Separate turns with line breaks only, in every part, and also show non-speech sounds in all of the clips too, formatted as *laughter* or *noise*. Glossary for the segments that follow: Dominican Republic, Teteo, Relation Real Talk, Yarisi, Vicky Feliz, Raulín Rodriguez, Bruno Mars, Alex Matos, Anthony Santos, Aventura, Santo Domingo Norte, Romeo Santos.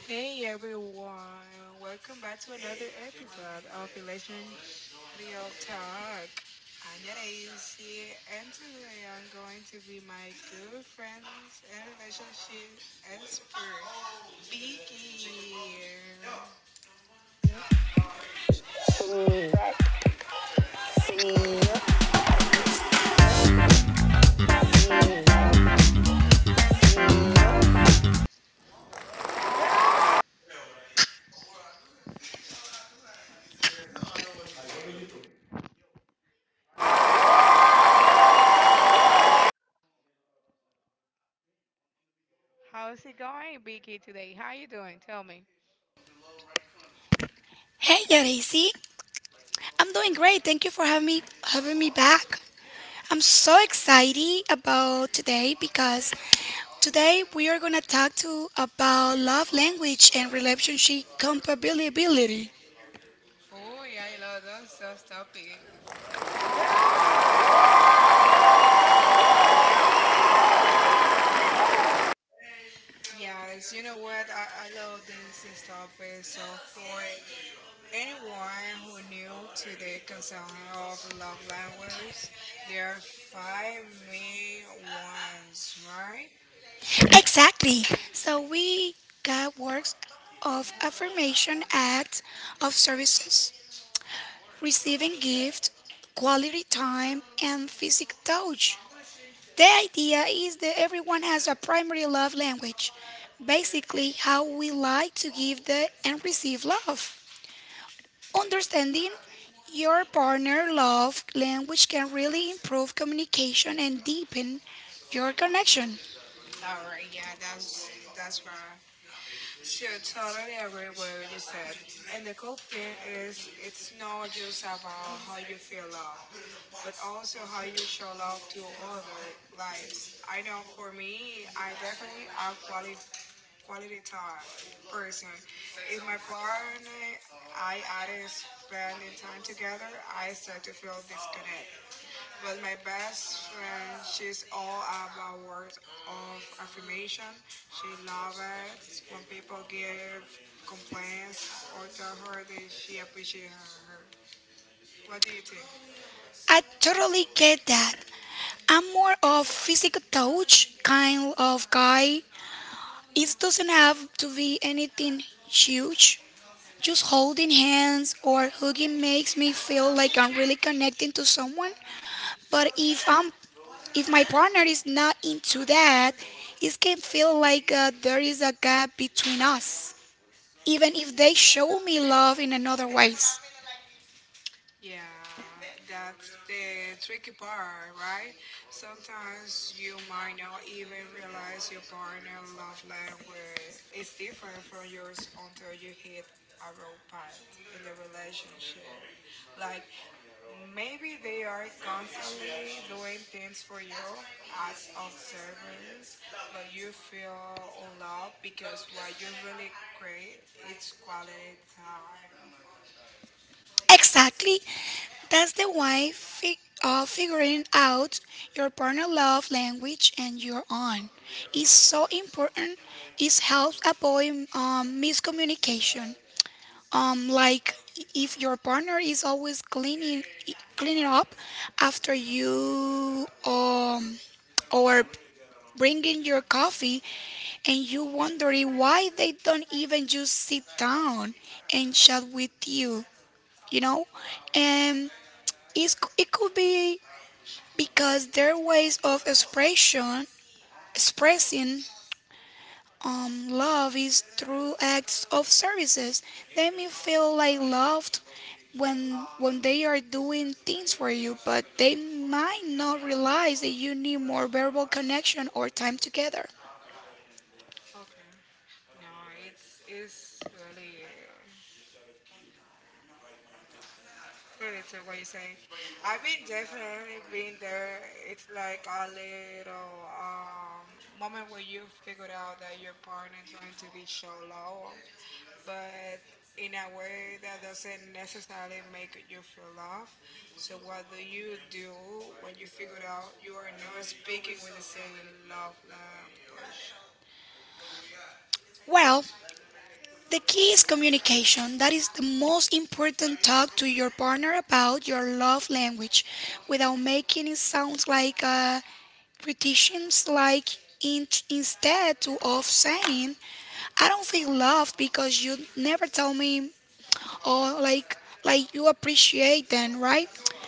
Hey everyone, welcome back to another episode of Relation Real Talk. I'm Anya Daisy, and today I'm going to be my good friends and relationship expert, Biggie. How's it going, Biggie, today? How you doing? Tell me.
Hey, Yarisi. I'm doing great. Thank you for having me back. I'm so excited about today because today we are gonna talk to about love language and relationship compatibility.
Oh, yeah, I love those topics. Yes, you know what? I love this topic so for. Anyone who knew to the conception of love language, there are five main ones, right?
Exactly. So we got works of affirmation, acts of services, receiving gift, quality time, and physical touch. The idea is that everyone has a primary love language, basically, how we like to give the and receive love. Understanding your partner love language can really improve communication and deepen your connection.
All right, yeah, that's right. So totally agree with what you said. And the cool thing is, it's not just about how you feel love, but also how you show love to other. Like I know for me, I definitely outqualified quality time person. If my partner, I aren't spending time together, I start to feel disconnect. But my best friend, she's all about words of affirmation. She loves it when people give complaints or tell her that she appreciates her. What do you think?
I totally get that. I'm more of physical touch kind of guy. It doesn't have to be anything huge. Just holding hands or hugging makes me feel like I'm really connecting to someone. But if my partner is not into that, it can feel like there is a gap between us. Even if they show me love in another ways.
Yeah, that's the tricky part, right? Sometimes you might not even realize your partner love language is different from yours until you hit a road path in the relationship. Like maybe they are constantly doing things for you, acts of service, but you feel unloved because what you really crave is quality time.
Exactly. That's the way fi- Figuring out your partner love language and your own is so important. It helps avoid miscommunication. Like if your partner is always cleaning up after you, or bringing your coffee, and you wondering why they don't even just sit down and chat with you, you know, and it could be because their ways of expression expressing love is through acts of services. They may feel like loved when when they are doing things for you, but they might not realize that you need more verbal connection or time together.
Okay. No, it's really really to what you say. I've been definitely been there. It's like a little moment where you figured out that your partner trying to be show love, but in a way that doesn't necessarily make you feel love. So what do you do when you figure out you are not speaking with the same love language?
Well, the key is communication. That is the most important talk to your partner about your love language without making it sound like a criticisms like instead to of saying I don't feel loved because you never tell me or like you appreciate them, right?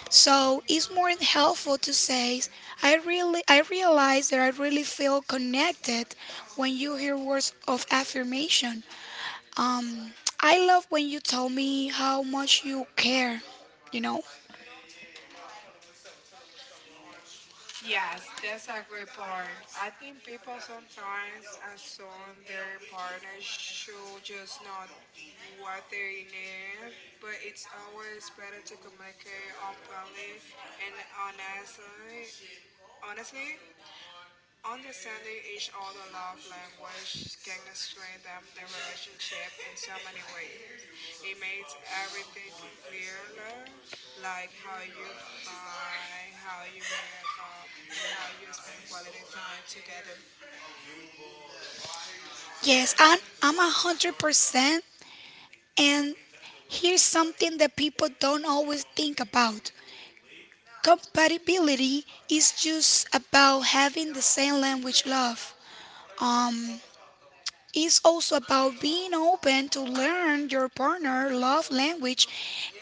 So it's more helpful to say I realize that I really feel connected when you hear words of affirmation. Um I love when you tell me how much you care, you know?
Yes, that's a great part. I think people sometimes assume their partner should just know what they need, but it's always better to communicate openly and honestly. Honestly, understanding each other's love language can strengthen the relationship in so many ways. It makes everything clearer, like how you find, how you make up, and how you spend quality time together.
Yes, I'm 100%, and here's something that people don't always think about. Compatibility is just about having the same language love. Um, it's also about being open to learn your partner love language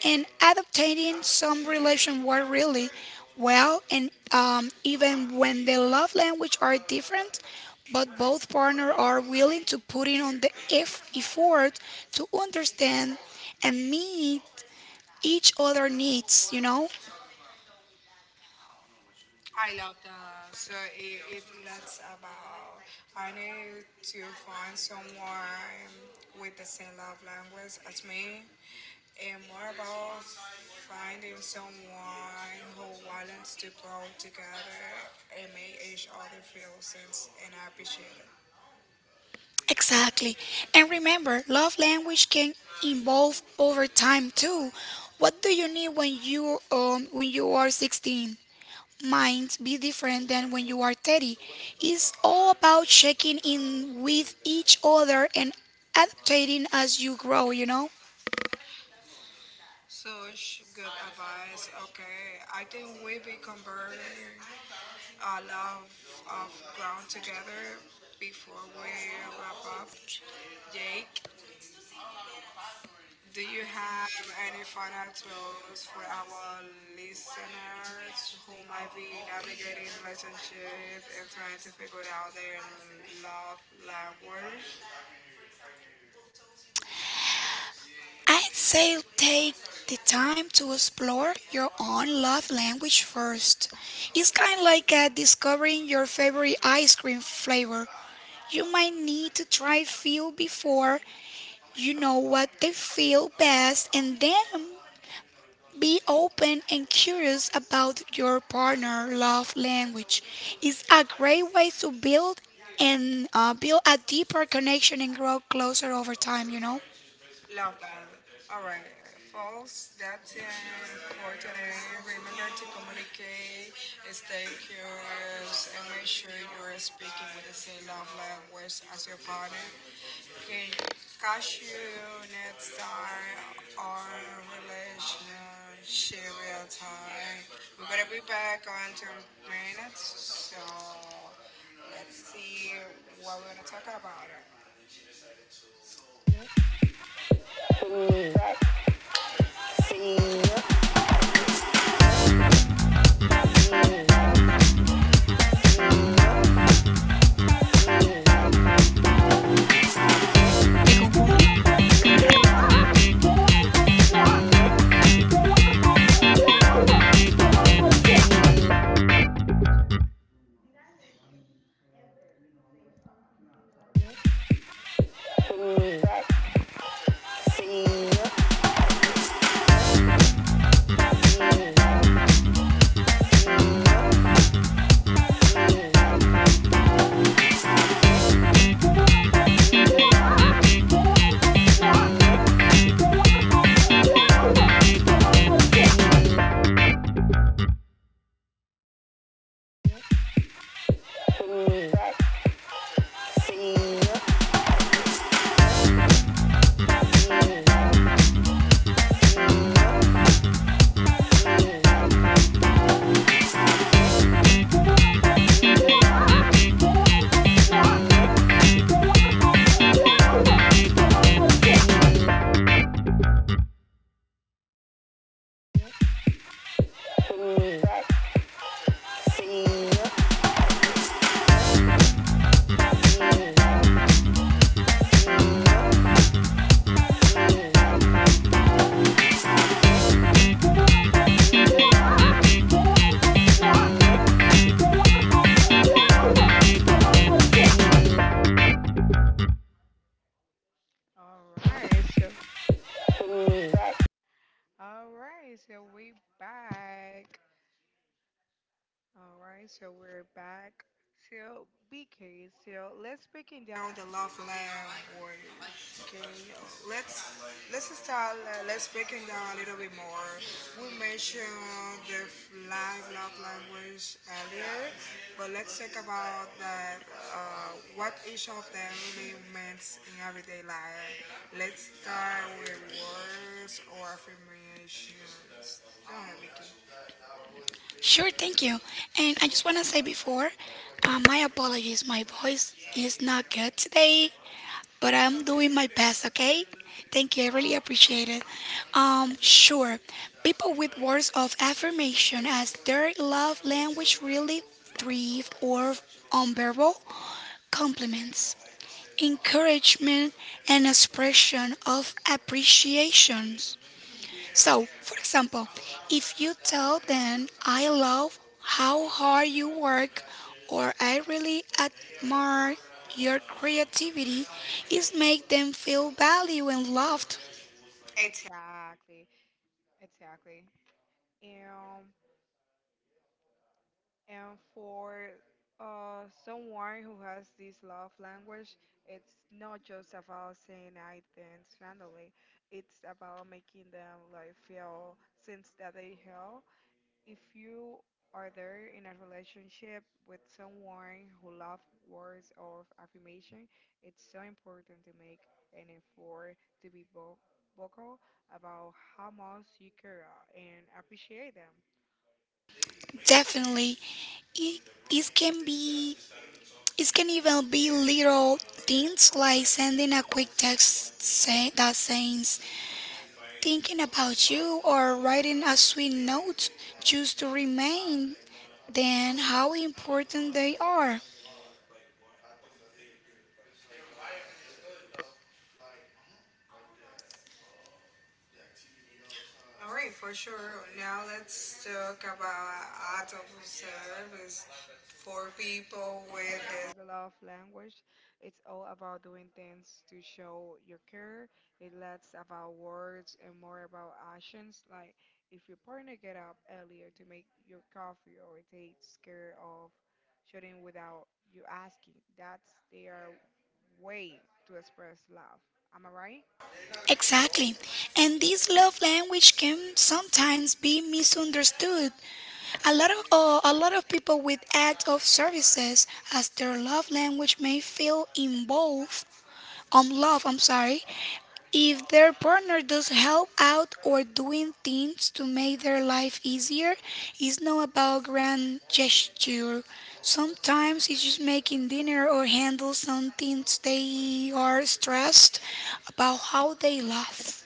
and adapting some relation work really well, and even when the love language are different, but both partner are willing to put in on the effort to understand and meet each other needs, you know.
I love that. So it lets about I need to find someone with the same love language as me and more about finding someone who wants to grow together and make each other feel sense and appreciated.
Exactly. And remember, love language can evolve over time too. What do you need when you when you are 16? Might be different than when you are 30. It's all about checking in with each other and adapting as you grow, you know?
Such good advice. Okay, I think we be convert a lot of ground together before we wrap up. Jake, do you have any final thoughts for our listeners who might be navigating relationship and trying to figure out their love language?
I'd say take the time to explore your own love language first. It's kind of like discovering your favorite ice cream flavor. You might need to try few before you know what they feel best, and then be open and curious about your partner love language. It's a great way to build and build a deeper connection and grow closer over time, you know.
Love that. All right, folks, that's it for today. Remember to communicate, stay curious, and make sure you're speaking with the same love language as your partner. Okay, cashew nuts are our relationship real time. We're gonna be back on 2 minutes, so let's see what we're gonna talk about.
Te confundí.
All right, so all right, so we back. All right, so we're back. So, BK, so let's breaking down the love language. Can you, uh, let's start. Let's break it down a little bit more. We mentioned the five love language earlier, but let's talk about that. What each of them really means in everyday life. Let's start with words or affirmations. Go ahead, Vicky.
Sure, thank you. And I just want to say before, my apologies. My voice is not good today, but I'm doing my best, okay? Thank you. I really appreciate it. Sure. People with words of affirmation as their love language really thrive or on verbal compliments, encouragement, and expression of appreciations. So, for example, if you tell them I love how hard you work or I really admire your creativity, it make them feel valued and loved.
Exactly. Exactly. and and for someone who has this love language, it's not just about saying I things randomly. It's about making them like feel sense that they help. If you are there in a relationship with someone who loves words of affirmation, it's so important to make an effort to be vocal about how much you care and appreciate them.
Definitely. It, it can be it can even be little things like sending a quick text that says thinking about you, or writing a sweet note choose to remain. Then, how important they are.
All right, for sure. Now let's talk about art of service for people with this love language. It's all about doing things to show your care. It less about words and more about actions. Like if your partner get up earlier to make your coffee or takes care of shooting without you asking, that's their way to express love. Am I right?
Exactly. And this love language can sometimes be misunderstood. A lot of people with acts of services as their love language may feel involved love, I'm sorry, if their partner does help out or doing things to make their life easier, it's not about grand gesture. Sometimes it's just making dinner or handle some things they are stressed about how they laugh.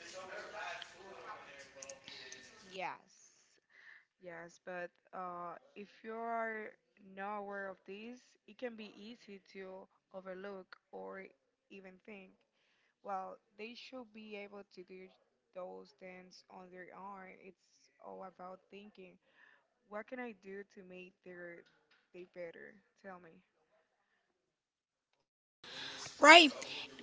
Yes. Yes, but if you are not aware of this, it can be easy to overlook or even think, well, they should be able to do those things on their own. It's all about thinking, what can I do to make their day better? Tell me.
Right.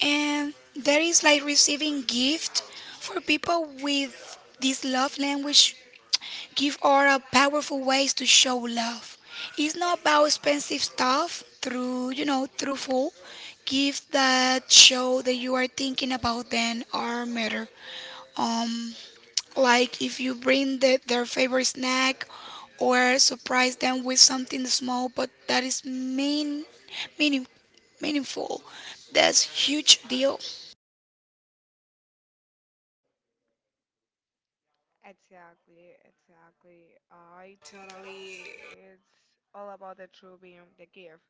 And there is like receiving gift for people with this love language give are a powerful ways to show love. It's not about expensive stuff through you know truthful gifts that show that you are thinking about them or matter. Um, like if you bring their favorite snack or surprise them with something small, but that is meaning, meaningful. That's huge deal.
Exactly, exactly. I totally. It's all about the true being the gift.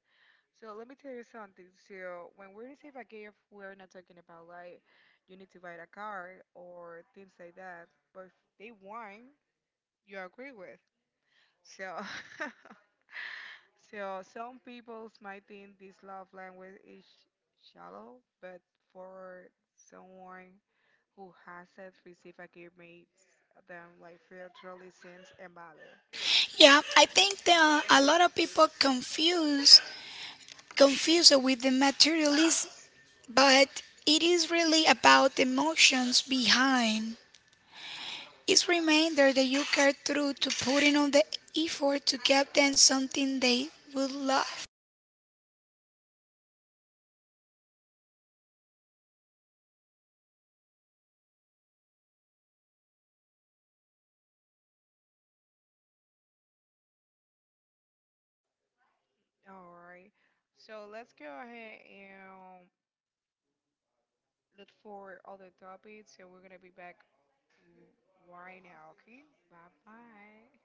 So let me tell you something. So when we receive a gift, we're not talking about like you need to buy a car or things like that. But if they want, you agree with. So *laughs* so some people might think this love language is shallow, but for someone who hasn't received a gift makes them like feel truly seen and valued.
Yeah, I think that a lot of people confuse it with the materialism, but it is really about the emotions behind. It's reminder that you care through to putting all the effort to give them something they will love.
All right. So let's go ahead and look for other topics. So we're gonna be back right now. Okay. Bye bye.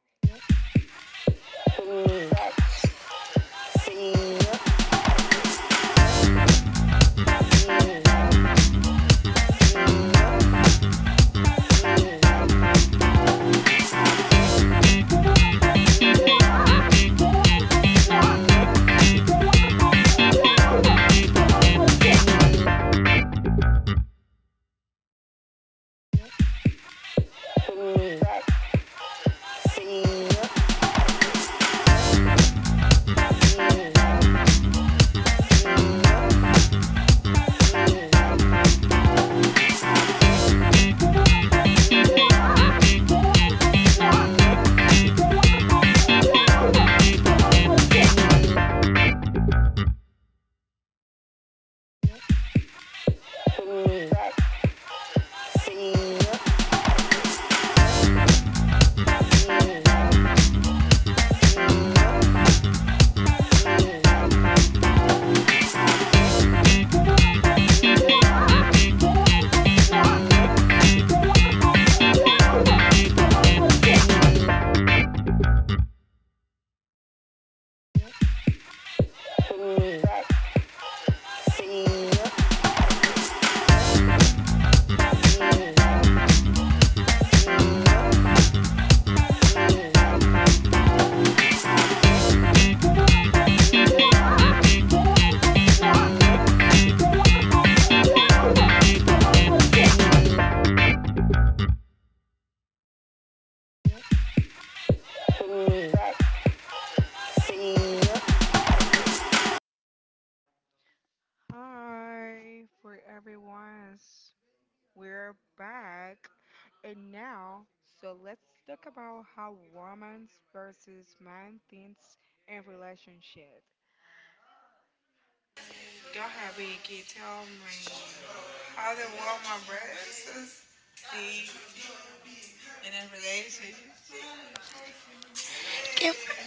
Hi for everyone's. We're back, and now so let's talk about how women versus man thinks in relationship. Go ahead, Vicky. Tell me how the woman versus thing in a relationship.
Okay.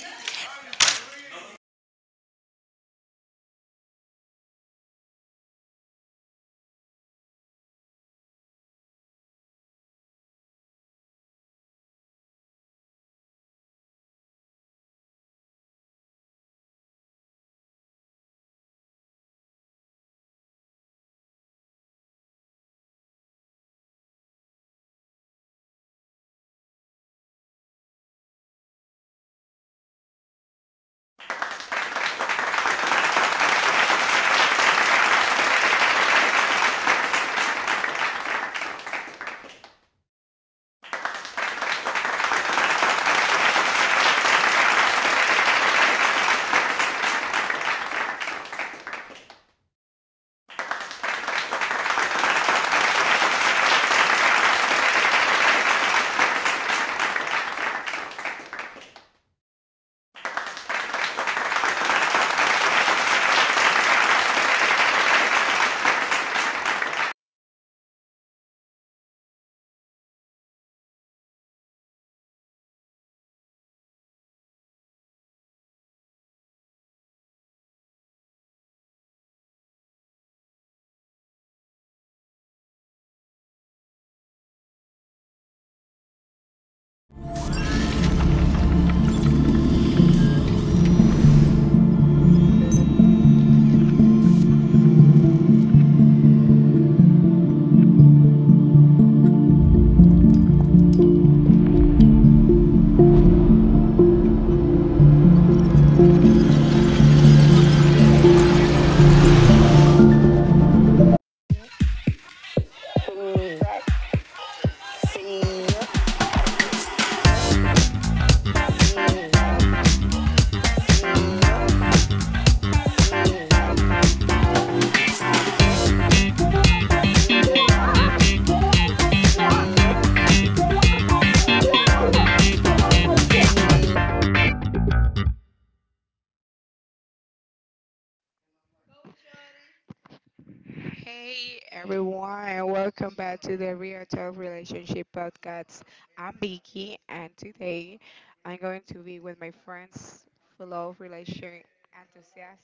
Hey everyone, welcome back to the Real Talk Relationship Podcast. I'm Vicky, and today I'm going to be with my friends, fellow relation enthusiast,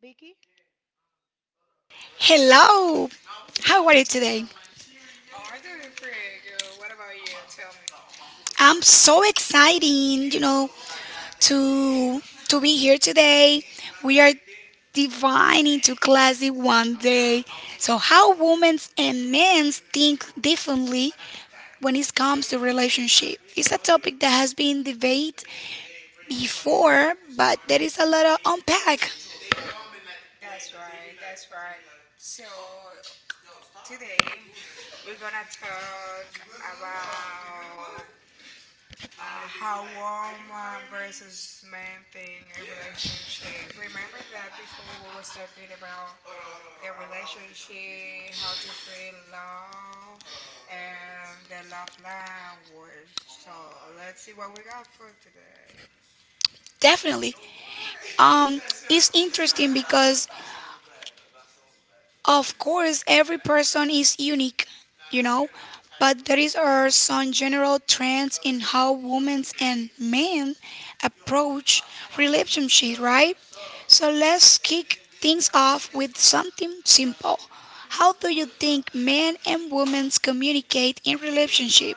Vicky.
Hello, how are you today?
Oh, I'm doing pretty good. What about you? Tell me.
I'm so exciting, you know, to to be here today. We are dividing to classic one day. So how women and men think differently when it comes to relationship. It's a topic that has been debated before, but there is a lot of unpack.
That's right. So today we're gonna talk about how woman versus man thing in relationship. Remember that before we was talking about the relationship, how to feel love, and the love language. So let's see what we got for today.
Definitely. Um it's interesting because of course, every person is unique, you know, but there is are some general trends in how women and men approach relationship, right? So let's kick things off with something simple. How do you think men and women communicate in relationship?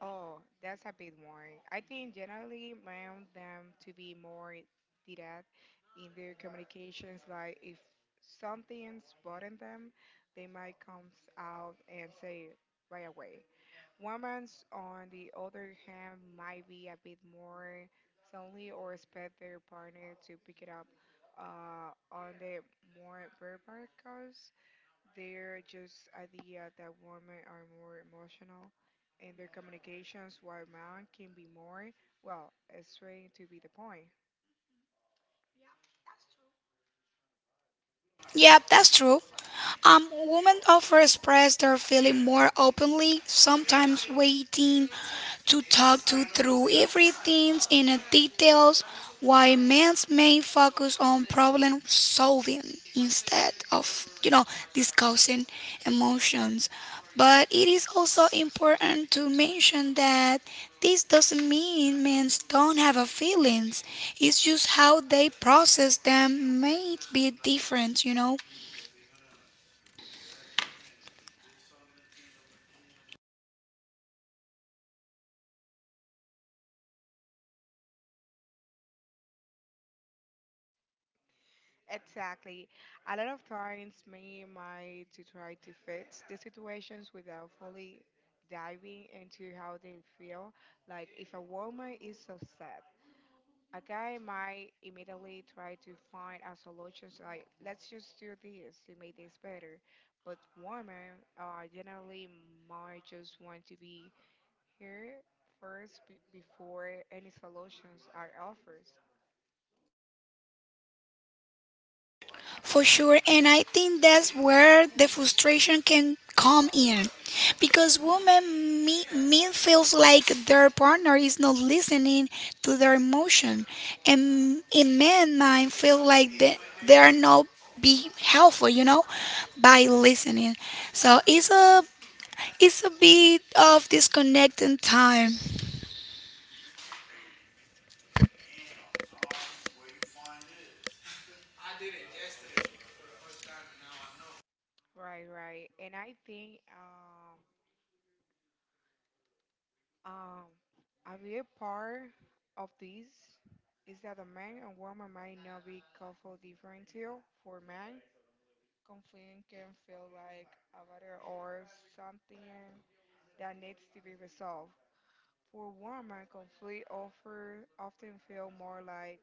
Oh, that's a bit more. I think generally I want them to be more direct in their communications. Like if something's bothering them, they might come out and say it right away. Women's, on the other hand, might be a bit more silently or expect their partner to pick it up on the more verbal cues. They're just idea that women are more emotional in their communications while men can be more, well, straight to be the point.
Yep, that's true. Women often express their feeling more openly, sometimes waiting to talk to through everything in the details, while men's may focus on problem solving instead of, you know, discussing emotions, but it is also important to mention that this doesn't mean men don't have a feelings. It's just how they process them may be different, you know.
Exactly. A lot of times men might to try to fix the situations without fully diving into how they feel. Like if a woman is upset, a guy might immediately try to find a solution so like, let's just do this to make this better. But women generally might just want to be here before any solutions are offered.
For sure, and I think that's where the frustration can come in, because me feels like their partner is not listening to their emotion, and in men mind feel like they are not be helpful, you know, by listening. So it's a bit of disconnecting time.
Right, right. And I think a big part of this is that a man and woman might not be coupled different deal for men. Conflict can feel like a matter or something that needs to be resolved. For women, conflict offer often feel more like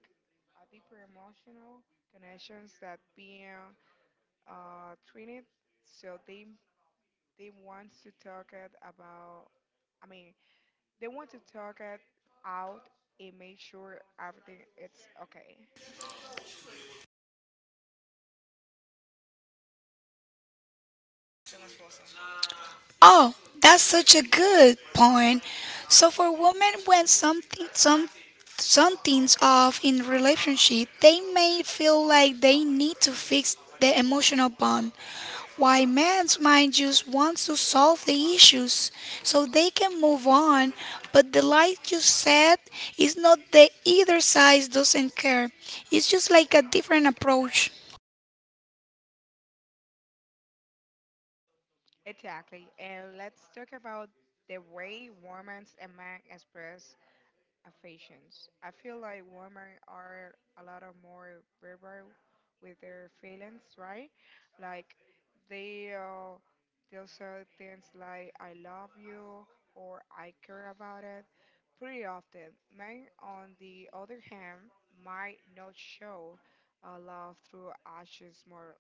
a deeper emotional connections that being treated. So they want to talk it about. I mean, they want to talk it out and make sure everything it's okay.
Oh, that's such a good point. So for women, when something's off in relationship, they may feel like they need to fix the emotional bond, while men might just want to solve the issues so they can move on. But the like you said is not that either side doesn't care. It's just like a different approach.
Exactly. And let's talk about the way women and men express affections. I feel like women are a lot of more verbal with their feelings, right? Like they uh, they'll say things like "I love you" or "I care about it" pretty often. Men, on the other hand, might not show love through actions more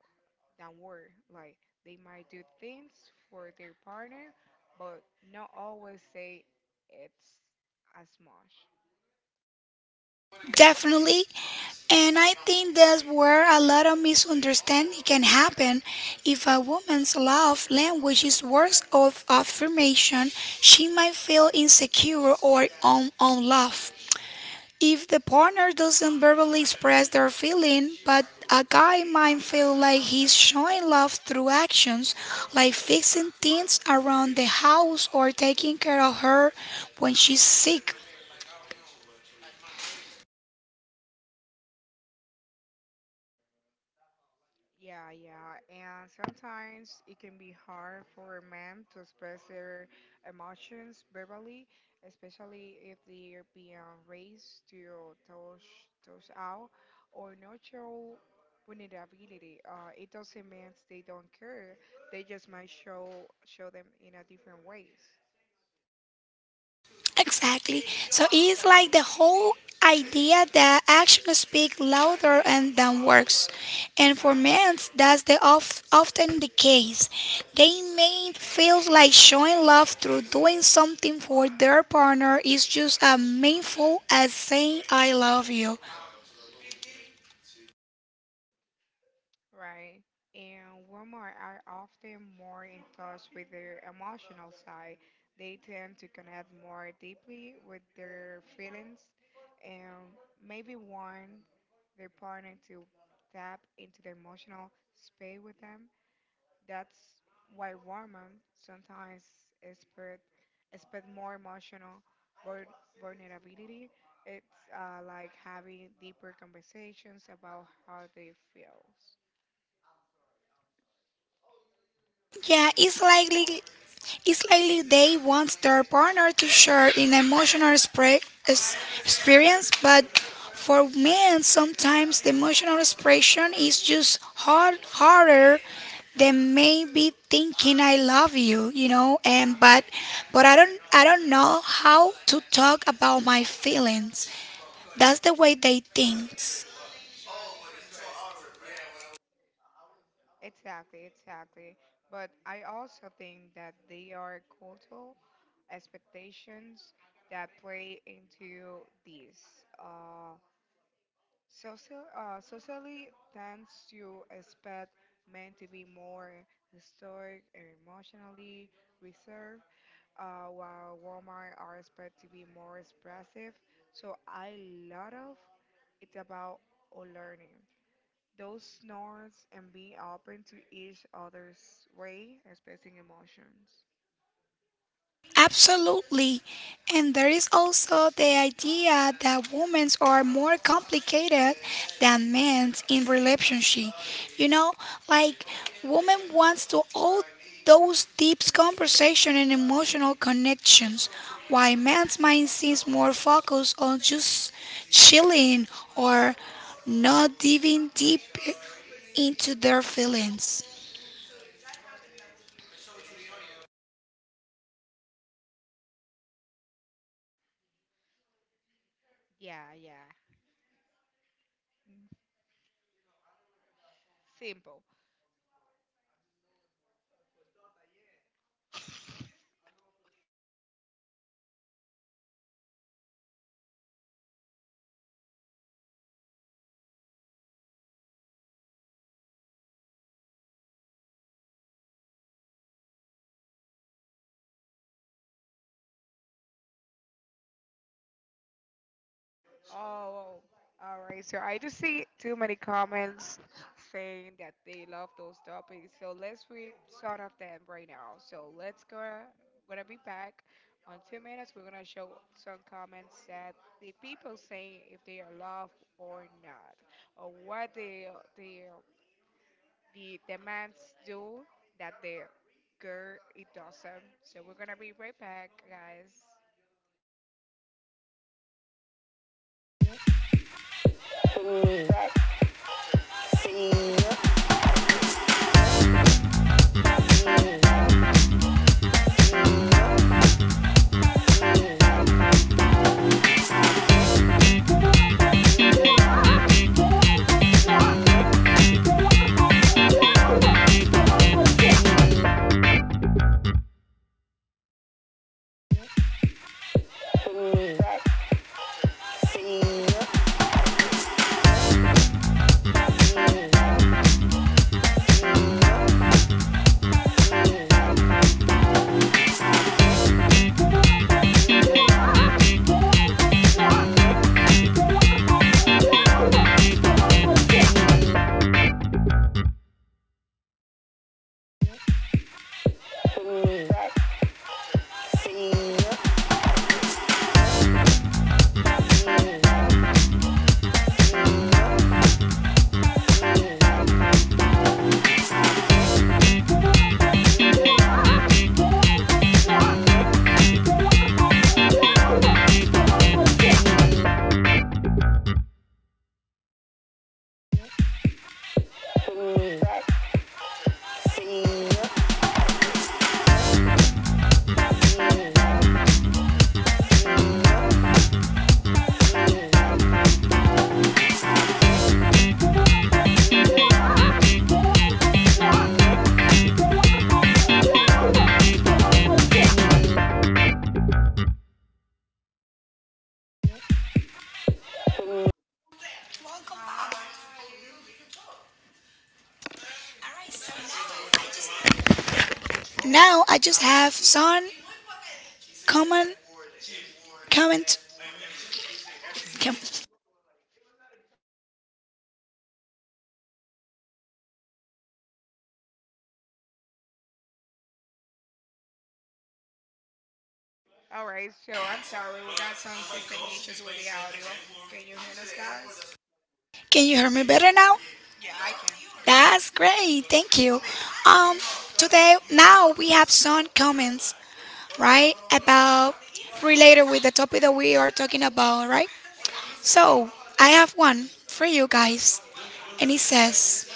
than word. Like they might do things for their partner, but not always say it's as much.
Definitely. And I think that's where a lot of misunderstanding can happen. If a woman's love language is words of affirmation, she might feel insecure or unloved. If the partner doesn't verbally express their feeling, but a guy might feel like he's showing love through actions, like fixing things around the house or taking care of her when she's sick.
Yeah, yeah, and sometimes it can be hard for a man to express their emotions verbally, especially if they are being raised to touch out or not show vulnerability. It doesn't mean they don't care; they just might show them in a different ways.
Exactly. So it's like the whole idea that actions speak louder and than words. And for men, often the case. They may feel like showing love through doing something for their partner is just as meaningful as saying I love you.
Right. And women are often more in touch with their emotional side. They tend to connect more deeply with their feelings and maybe want their partner to tap into the emotional space with them. That's why women sometimes expect, expect more emotional vul- vulnerability. It's like having deeper conversations about how they feel.
Yeah, it's likely they want their partner to share an emotional experience, but for men, sometimes the emotional expression is just harder than maybe thinking "I love you," you know. And but I don't know how to talk about my feelings. That's the way they think.
Exactly, exactly. But I also think that they are cultural expectations that play into this. Socially tends to expect men to be more historic and emotionally reserved, while women are expected to be more expressive. So I lot of it's about learning. Those snores and be open to each other's way, expressing emotions.
Absolutely. And there is also the idea that women are more complicated than men in relationship. You know, like women wants to all those deep conversation and emotional connections, while man's mind seems more focused on just chilling or not diving deep into their feelings.
Yeah, yeah. Simple. Oh, all right. So I do see too many comments saying that they love those topics. So let's read some of them right now. So let's go. Gonna be back on 2 minutes. We're gonna show some comments that the people saying if they are loved or not, or what they the demands do that the girl it doesn't. So we're gonna be right back, guys. Hi.
Now I just have some common comment.
All right. So I'm sorry, we got some system issues with the audio. Can you hear us, guys?
Can you hear me better now?
Yeah, I can. Go ahead.
That's great. Thank you. Um, Today now we have some comments, right, about related with the topic that we are talking about, right? So I have one for you guys, and it says.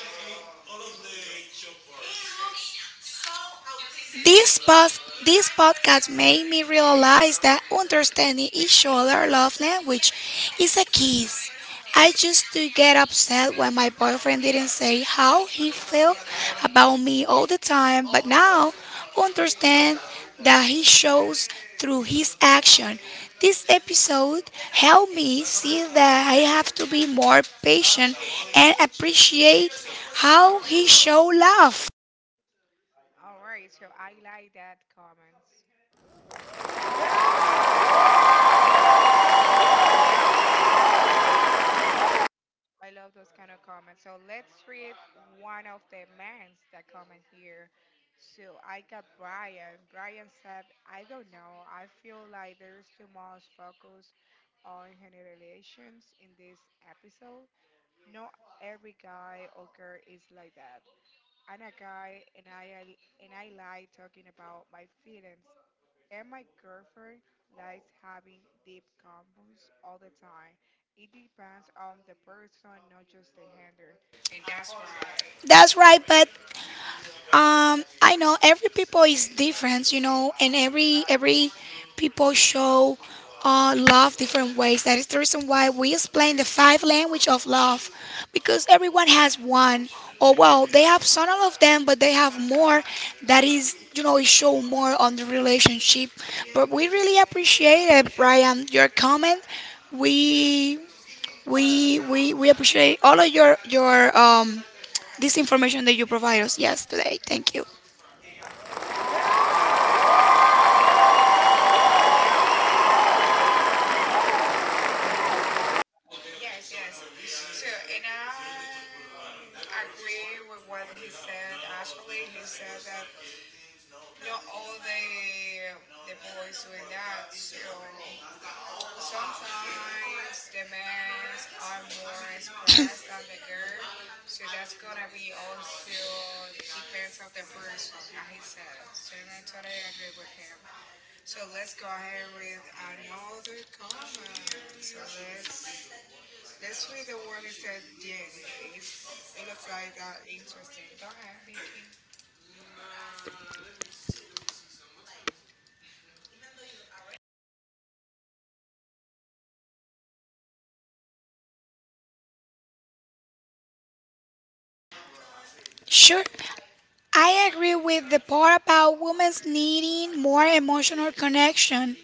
This podcast made me realize that understanding each other love language is a kiss. I used to get upset when my boyfriend didn't say how he felt about me all the time, but now understand that he shows through his action. This episode helped me see that I have to be more patient and appreciate how he show love.
All right. So I like that comments. I love I love those kind of comments. So let's read one of the mans that comment here. So I got Brian. Brian said, I don't know. I feel like there's too much focus on generations in this episode. Not every guy or girl is like that. I'm a guy and I like talking about my feelings, and my girlfriend likes having deep combos all the time. It depends on the person, not just the handler. And that's why,
That's right, but I know every people is different, you know, and every people show love different ways. That is the reason why we explain the five language of love, because everyone has one. Or well, they have some of them, but they have more. That is, you know, it show more on the relationship. But we really appreciate it, Brian. Your comment, we we appreciate all of your this information that you provide us yesterday. Thank you.
yes, yes. So, and I agree with what he said. Actually, he said that not all the boys doing that. So sometimes the men are more expressed than the girl, so that's gonna be also depends of the person, as he says. And I totally agree with him. So let's go ahead with another comment. So let's read the one that said Jenny. It's, it looks like that interesting. Go ahead, Vicky.
Sure. I agree with the part about women's needing more emotional connection,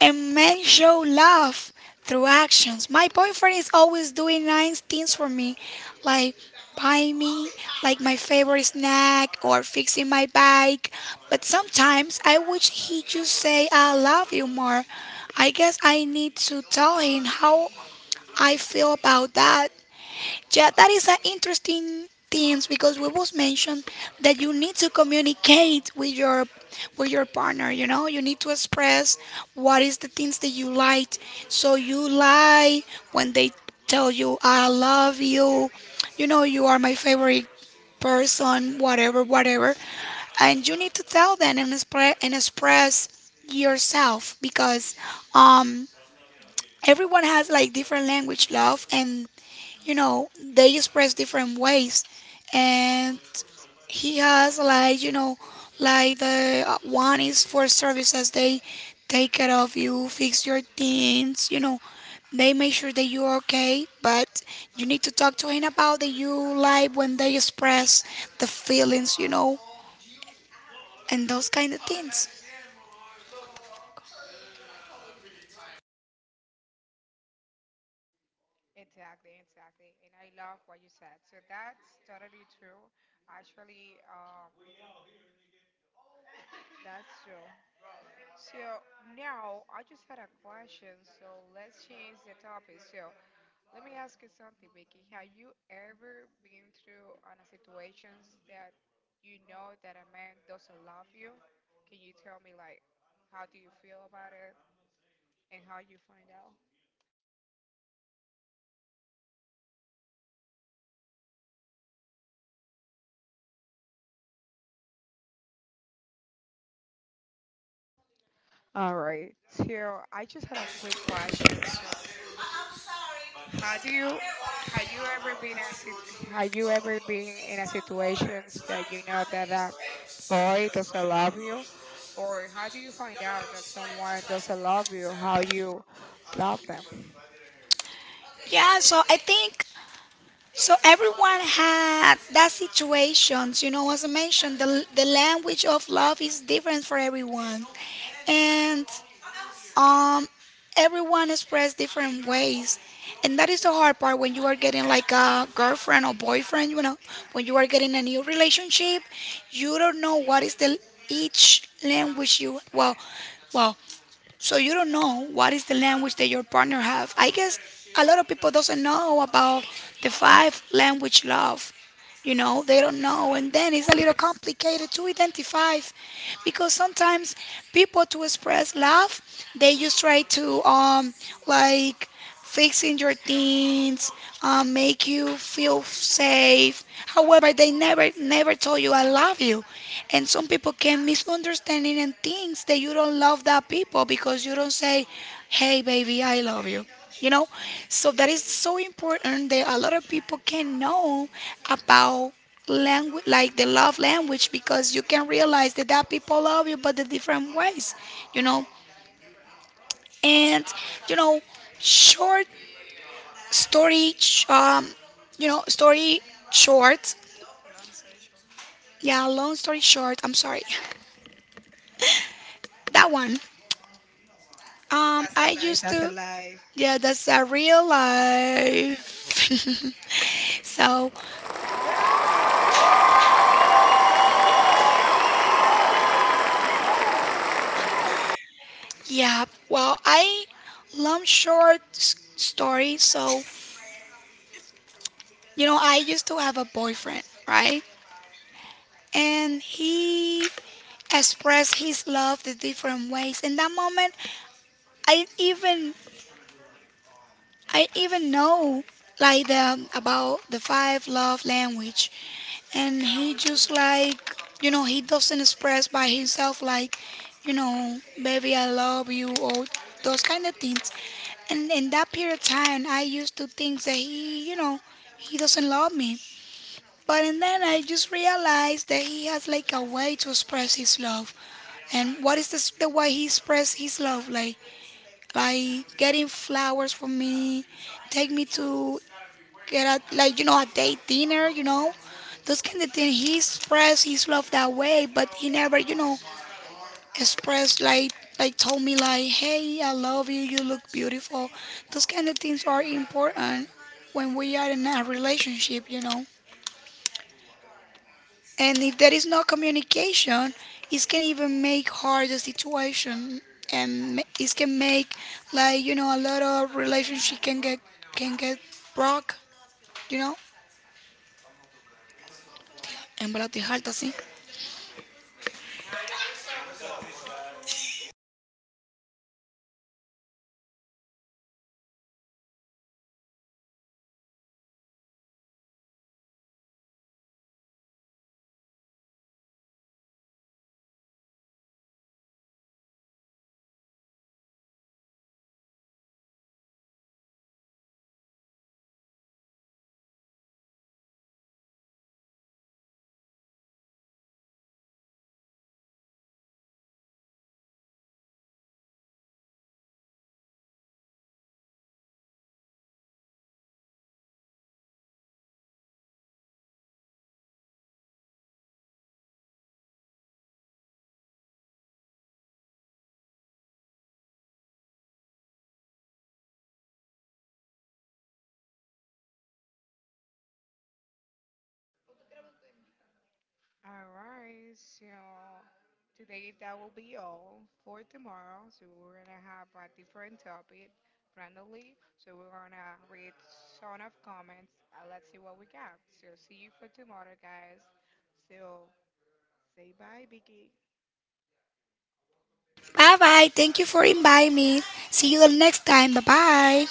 and men show love through actions. My boyfriend is always doing nice things for me, like buying me my favorite snack or fixing my bike. But sometimes I wish he just say I love you more. I guess I need to tell him how I feel about that. Yeah, that is an interesting thing because we was mentioned that you need to communicate with your partner. You know, you need to express what is the things that you like. So you lie when they tell you I love you. You know, you are my favorite person. Whatever, whatever, and you need to tell them and express yourself because um everyone has like different language love, and you know they express different ways. And he has, like, like the one is for services. They take care of you, fix your things, you know, they make sure that you're okay. But you need to talk to him about that, you like when they express the feelings, you know, and those kind of things.
Exactly, exactly. And I love what you said. So that's totally true. Actually, that's true. So now I just had a question. So let's change the topic. So let me ask you something, Vicky. Have you ever been through on a situations that you know that a man doesn't love you? Can you tell me like how do you feel about it and how you find out? All right. So I just had a quick question. So how do you have you ever have you ever been in a situations that you know that boy doesn't love you? Or how do you find out that someone doesn't love you? How you love them?
Yeah so I think So everyone had that situations, you know, as I mentioned, the language of love is different for everyone. And um everyone expressed different ways. And that is the hard part when you are getting like a girlfriend or boyfriend, you know, when you are getting a new relationship, you don't know what is the each language you well, so you don't know what is the language that your partner have. I guess a lot of people doesn't know about the five language love. You know, they don't know, and then it's a little complicated to identify because sometimes people to express love, they just try to like fixing your things, make you feel safe. However, they never told you I love you, and some people can misunderstand it and thinks that you don't love that people because you don't say, "Hey, baby, I love you." You know, so that is so important that a lot of people can know about language like the love language, because you can realize that that people love you but the different ways, you know. And you know, short story sh- you know story short yeah long story short, I'm sorry. *laughs* That one.
That's a
I
life.
used
That's a
to
life.
Yeah, that's a real life. *laughs* So yeah, well, I long story. So you know, I used to have a boyfriend, right? And he expressed his love the different ways. In that moment, I didn't even I even know like the about the five love language, and he just like, you know, he doesn't express by himself like, you know, baby I love you or those kind of things. And in that period of time, I used to think that he, you know, he doesn't love me. But and then I just realized that he has like a way to express his love. And what is this, the way he expressed his love? Like getting flowers for me, take me to get a like, you know, a date dinner, you know, those kind of things. He expressed his love that way, but he never, you know, expressed like told me like, hey, I love you, you look beautiful. Those kind of things are important when we are in a relationship, you know. And if there is no communication, it can even make hard the situation, and it can make, like, you know, a lot of relationship can get broke, you know. En verdad estoy harta, sí.
All right, so today that will be all for tomorrow. So we're gonna have a different topic randomly. So we're gonna read ton of comments and let's see what we got. So see you for tomorrow, guys. So say bye, Biggie.
Bye bye. Thank you for inviting me. See you the next time. Bye bye.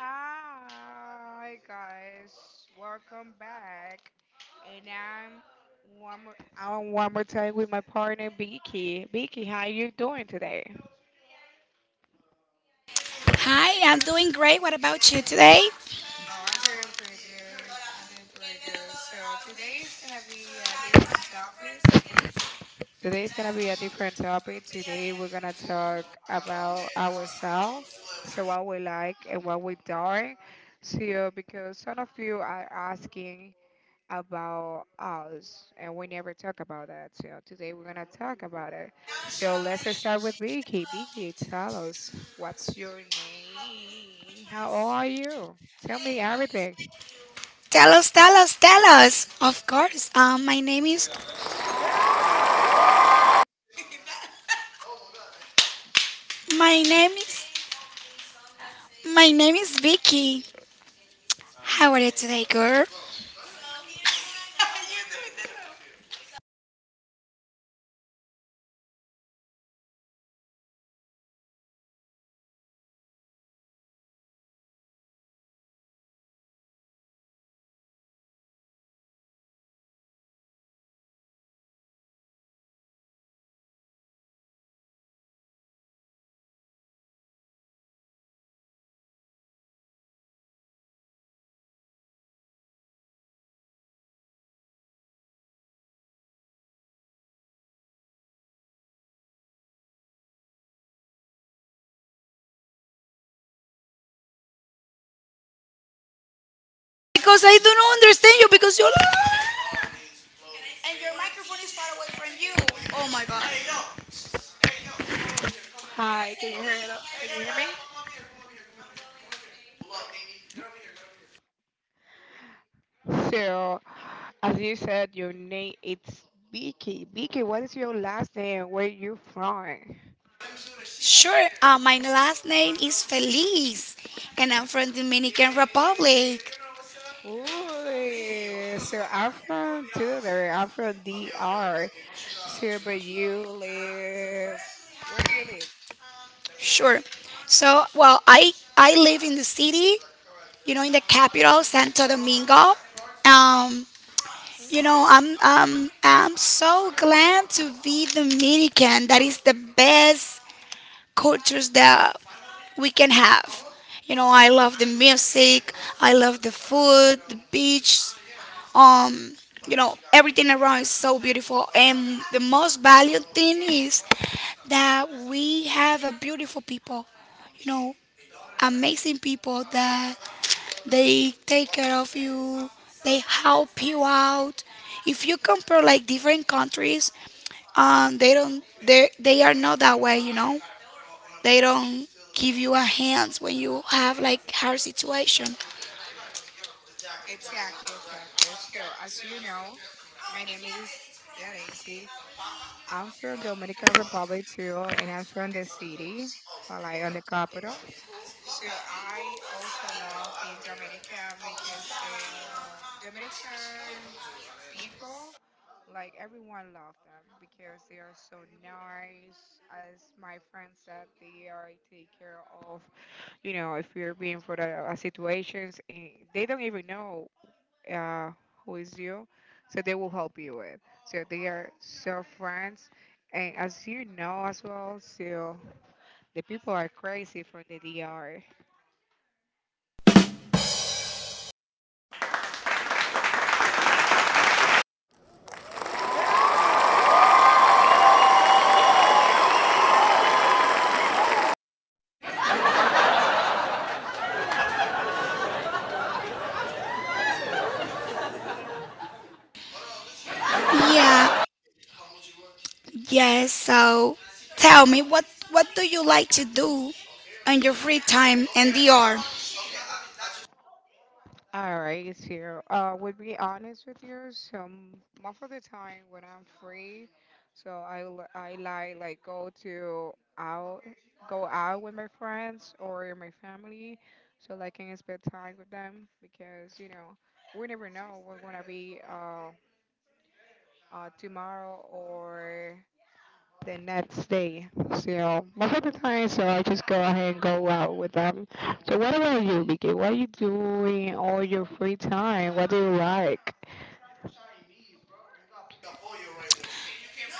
Hi guys, welcome back. And I'm one more time with my partner Beaky. Beaky, how you doing today?
Hi, I'm doing great. What about you today?
Oh, I'm doing pretty good. I'm doing pretty good. So today is gonna be a different topic. Today is gonna be a different topic. Today we're gonna talk about ourselves. So what we like and what we don't. So because some of you are asking about us, and we never talk about that. So today we're gonna talk about it. So let's start with Vicky. Vicky, tell us, what's your name? How old are you? Tell me everything.
Tell us, tell us, tell us. Of course. My name is my name is my name is Vicky. How are you today, girl? Because I don't understand you because you're and your microphone is far away from you. Oh my god.
Hi, can you hear it? Can you hear me? So, as you said, your name it's Vicky. Vicky, what is your last name? Where you from?
Sure. My last name is Feliz, and I'm from Dominican Republic.
Ooh, so I'm from Tudor. I'm from DR. Here, but you live. Where do you live?
Sure. So, well, I live in the city, you know, in the capital, Santo Domingo. Um,
Hmm?
you know, I'm so glad to be Dominican. That is the best cultures that we can have. You know, I love the music, I love the food, the beach, um, you know, everything around is so beautiful. And the most valued thing is that we have a beautiful people, you know, amazing people that they take care of you, they help you out. If you compare like different countries, they don't, they are not that way, you know. They don't give you a hand when you have like hard situation.
Exactly, exactly. So, as you know, my name is Yaraisi. I'm from Dominican Republic too, and I'm from the city, like on the capital. So I also love being Dominican because the Dominican people, like everyone love them because they are so nice. As my friend said, they are take care of you know, if you're being for the situations, and they don't even know uh, who is you, so they will help you with. So they are so friends, and as you know as well, so the people are crazy from the DR.
Yeah, yes. So tell me what do you like to do in your free time and DR?
All right, so would be honest with you, some most of the time when I'm free, so I like go to out go out with my friends or my family, so like I can spend time with them because you know we never know what's gonna be tomorrow or the next day. So you know, most of the time, so I just go ahead and go out with them. So what about you, Vicky? What are you doing all your free time? What do you like?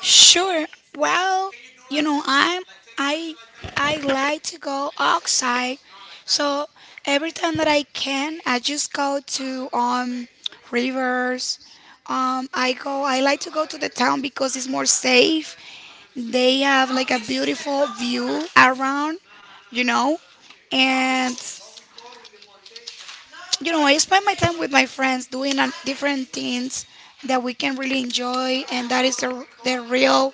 Sure. Well, you know, I I like to go outside. So every time that I can, I just go to rivers. I go, I like to go to the town because it's more safe. They have like a beautiful view around, you know, and you know, I spend my time with my friends doing different things that we can really enjoy, and that is the real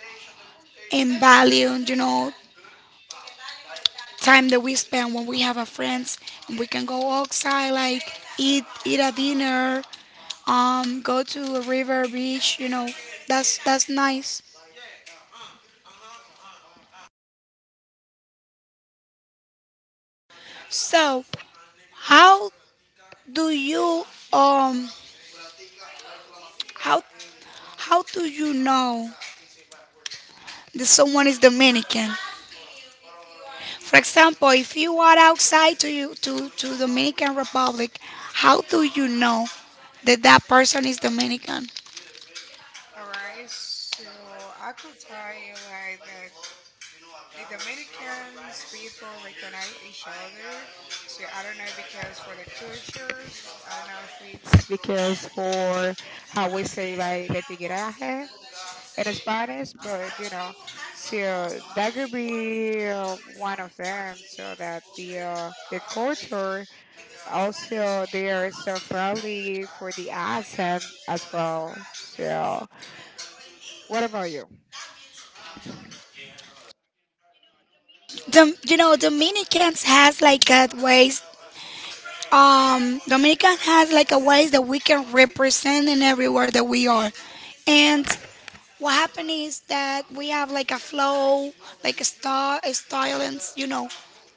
and value, you know, time that we spend when we have our friends and we can go outside, like eat a dinner, go to a river beach, you know, that's nice. So, how do you um how How do you know that someone is Dominican? For example, if you are outside to Dominican Republic, how do you know that that person is Dominican?
All right, so I could tell you like that the Dominicans people recognize each other. So I don't know because for the cultures, I don't know if it's it's because for how we say like the tigreaje in Spanish, but you know, so that could be one of them. So that the culture also they are so friendly for the accent as well. So, what about you?
You know, Dominicans has like a ways. Dominican has like a ways that we can represent in everywhere that we are, and what happened is that we have like a flow, like a style, and you know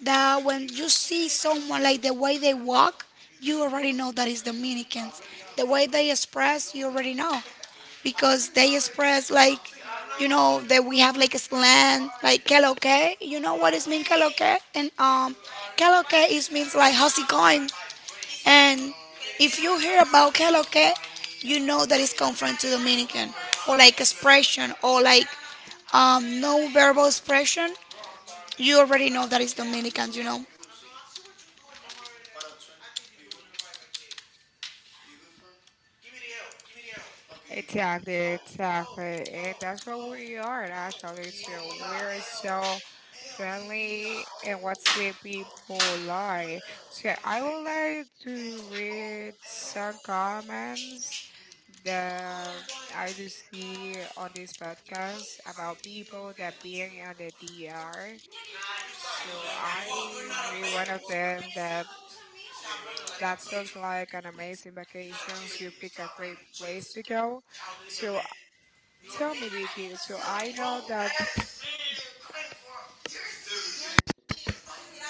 that when you see someone like the way they walk, you already know that is Dominicans. The way they express, you already know, because they express like, you know, that we have like a slang like "qué lo que," you know what is mean "qué lo que," and "qué lo que" is means like how's it going, and if you hear about que lo que, you know that it's come from the Dominican or like expression or like no verbal expression. You already know that it's Dominican, you know.
Exactly, exactly. And that's what we are actually too. We're so friendly and what the people like. So I would like to read some comments that I do see on this podcast about people that being on the DR. So I read one of them that that sounds like an amazing vacation. So you pick a great place to go. So tell me, Vicky. So I know that.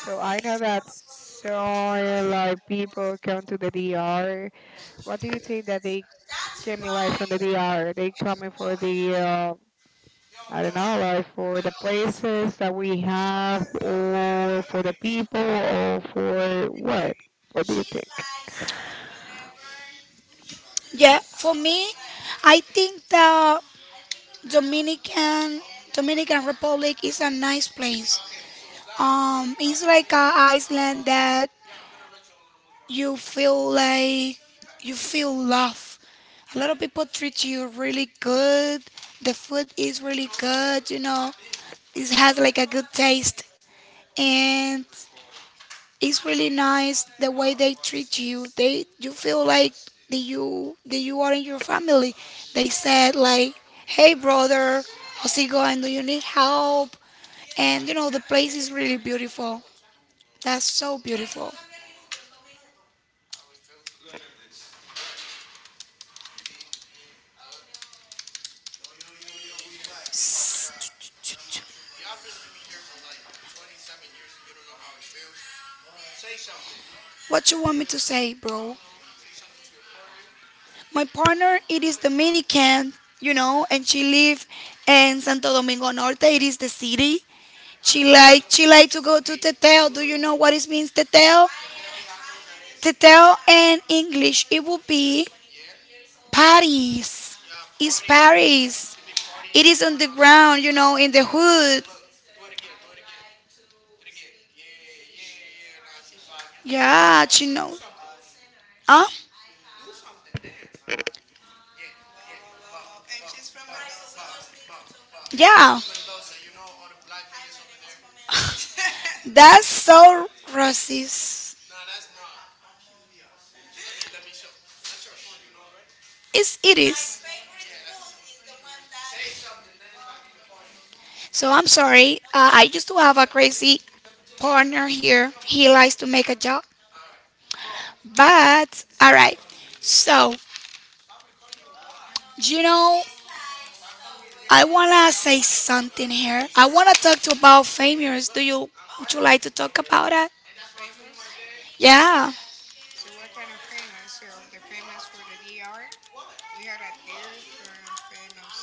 So I know that so a lot of people come to the DR. What do you think that they came in like from the DR? They coming for the I don't know, like for the places that we have, or for the people, or for what? What do you think?
Yeah, for me, I think the Dominican Dominican Republic is a nice place. It's like a island that you feel like you feel love. A lot of people treat you really good. The food is really good, you know. It has like a good taste, and it's really nice the way they treat you. They you feel like that you are in your family. They said like, "Hey brother, how's it going? Do you need help?" And you know the place is really beautiful. That's so beautiful. What you want me to say, bro? My partner, it is Dominican, you know, and she live in Santo Domingo Norte. It is the city. She like to go to Teteo. Do you know what it means, Teteo? Teteo in English, it would be Paris. It's Paris. It is on the ground, you know, in the hood. Yeah, she know. Huh? Yeah, that's so racist. It is. So I'm sorry. I used to have a crazy partner here. He likes to make a joke. But, alright. So, you know, I wanna say something here. I wanna talk to about famous. Would you like to talk about that?
Famous.
Yeah.
So what kind of famous? So the famous for the DR. We had a deer from famous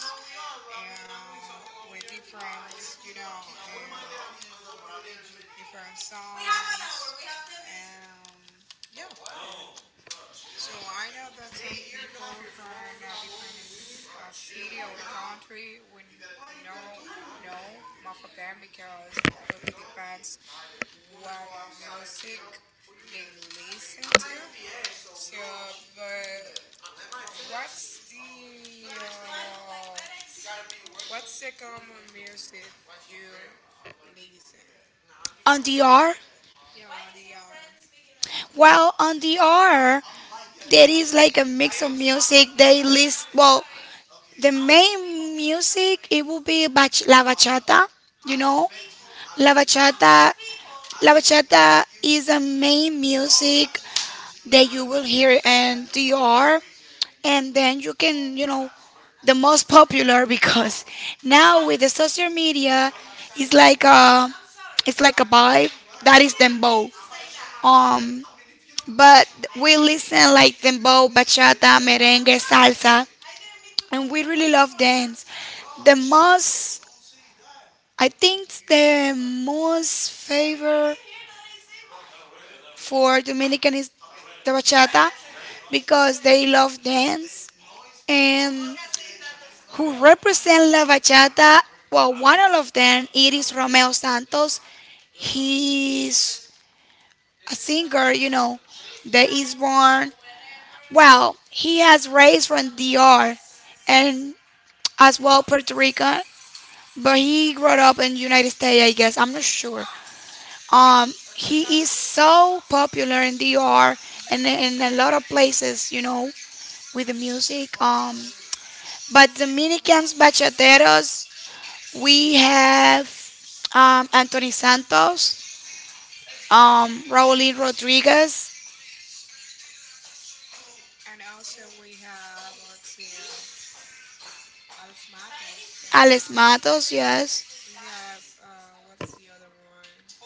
with different, you know, different songs. Um, yeah, of course. So I know that some people from city or country would know know most of them because that could be depends what music they listen to. So, but what's the what's the common music you listen?
On the R?
Yeah, they are.
Well, on the R, there is like a mix of music. Well, the main music, it will be La Bachata. You know, La Bachata La bachata is the main music that you will hear in DR, and then you can, you know, the most popular *laughs* because now with the social media, it's like it's like a vibe that is dembow. Um, but we listen like dembow, bachata, merengue, salsa, and we really love dance. The most, I think, the most favorite for Dominican is the bachata because they love dance, and who represent la bachata. Well, one of them it is Romeo Santos. He's a singer, you know, that is born. Well, he has raised from DR and as well Puerto Rican, but he grew up in United States, I guess. I'm not sure.
Yep.
He is so popular in DR and in a lot of places, you know, with the music. But Dominicans bachateros, we have Anthony Santos, Raulín Rodriguez,
And also we have, let's see, Alex Matos.
Alex Matos, yes.
We have what's the other one?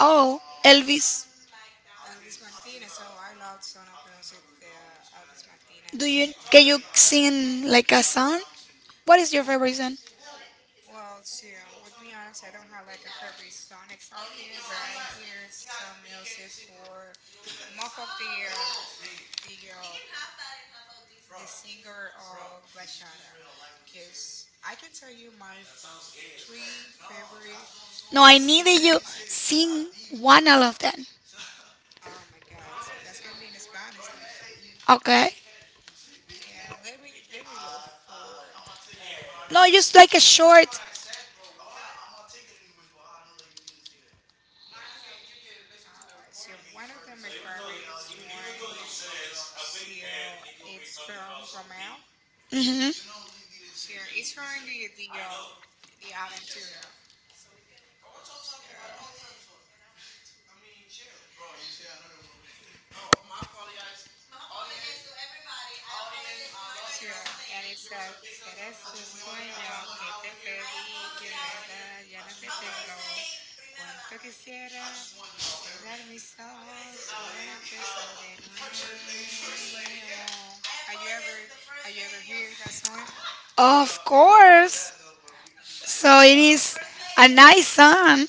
Oh, Elvis,
Elvis Martinez. Oh, I love Son of Music. Elvis
do you
Martinez.
can you sing like a song? What is your
Or
favorite song?
well, see, would be honest, I don't have like a favorite song exactly, but I hear some music for most of the uh, the singer of bachata, because I can tell you three
No, I need that you
favorite singer.
sing one out of them.
Oh my God! So that's gonna be in Spanish then.
Okay.
And let me look for.
No, just like a short.
All right. So one of them my favorite is Juan. So it's from Romeo.
Hmm.
So it's from the Aventura. So sure, and it says, serás un sueño que te pedí, que en verdad ya no te tengo. Cuánto quisiera cerrar mis ojos y empezar de nuevo. Have you ever, have you ever heard that song?
Of course. So it is a nice song.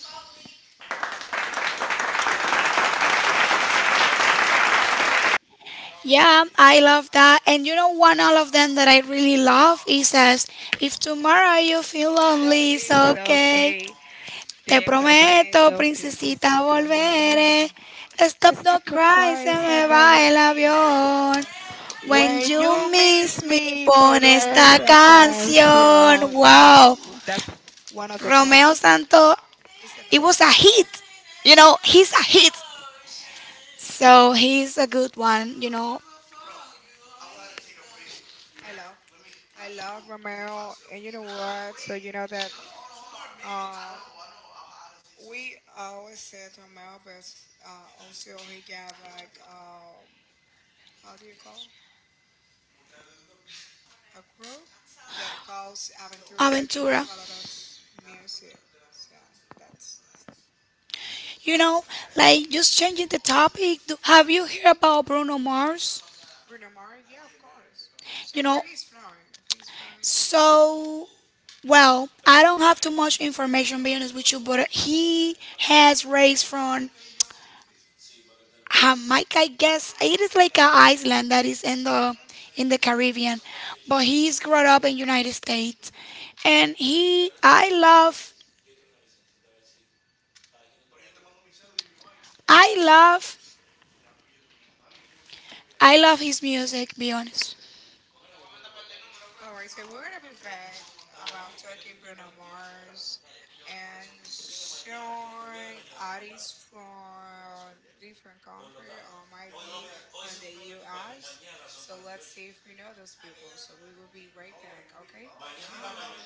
Yeah.
Yeah, I love that. And you know, one all of them that I really love is says, if tomorrow you feel
Be
lonely,
lonely,
it's
it's
okay.
okay.
Te
Te
prometo,
prometo,
princesita,
princesita, volver.
volveré. Stop, no
Except the
cry, se
cries,
me
am I
va
right?
el
I
avión.
love you.
When
When you
you
miss
miss me,
me,
pon
poner
esta
esa
canción.
canción. That's
Wow,
that's one of the top.
Romeo Santo,
It's the
it
best.
was a hit. You know, he's a hit. So he's a good one, you know,
I love. I love Romero, and you know what? So you know that uh, we always said Romero, but also he got like how do you call a group that calls Aventura. They
Aventura.
have a lot of music, so that's
You know,
good.
like just changing the topic. Have you heard about Bruno Mars?
Bruno Mars, yeah, of course. So where he's from?
You know,
If he's from India.
so well, I don't have too much information being honest with you, but he has raised from Jamaica, I guess. It is like an island that is in the Caribbean, but he's grown up in United States, and he I love, I love his music. Be honest.
All right, so we're gonna be back about talking Bruno Mars and showing artists from different country or might be from the U.S. So let's see if you know those people. So we will be right back. Okay, bye.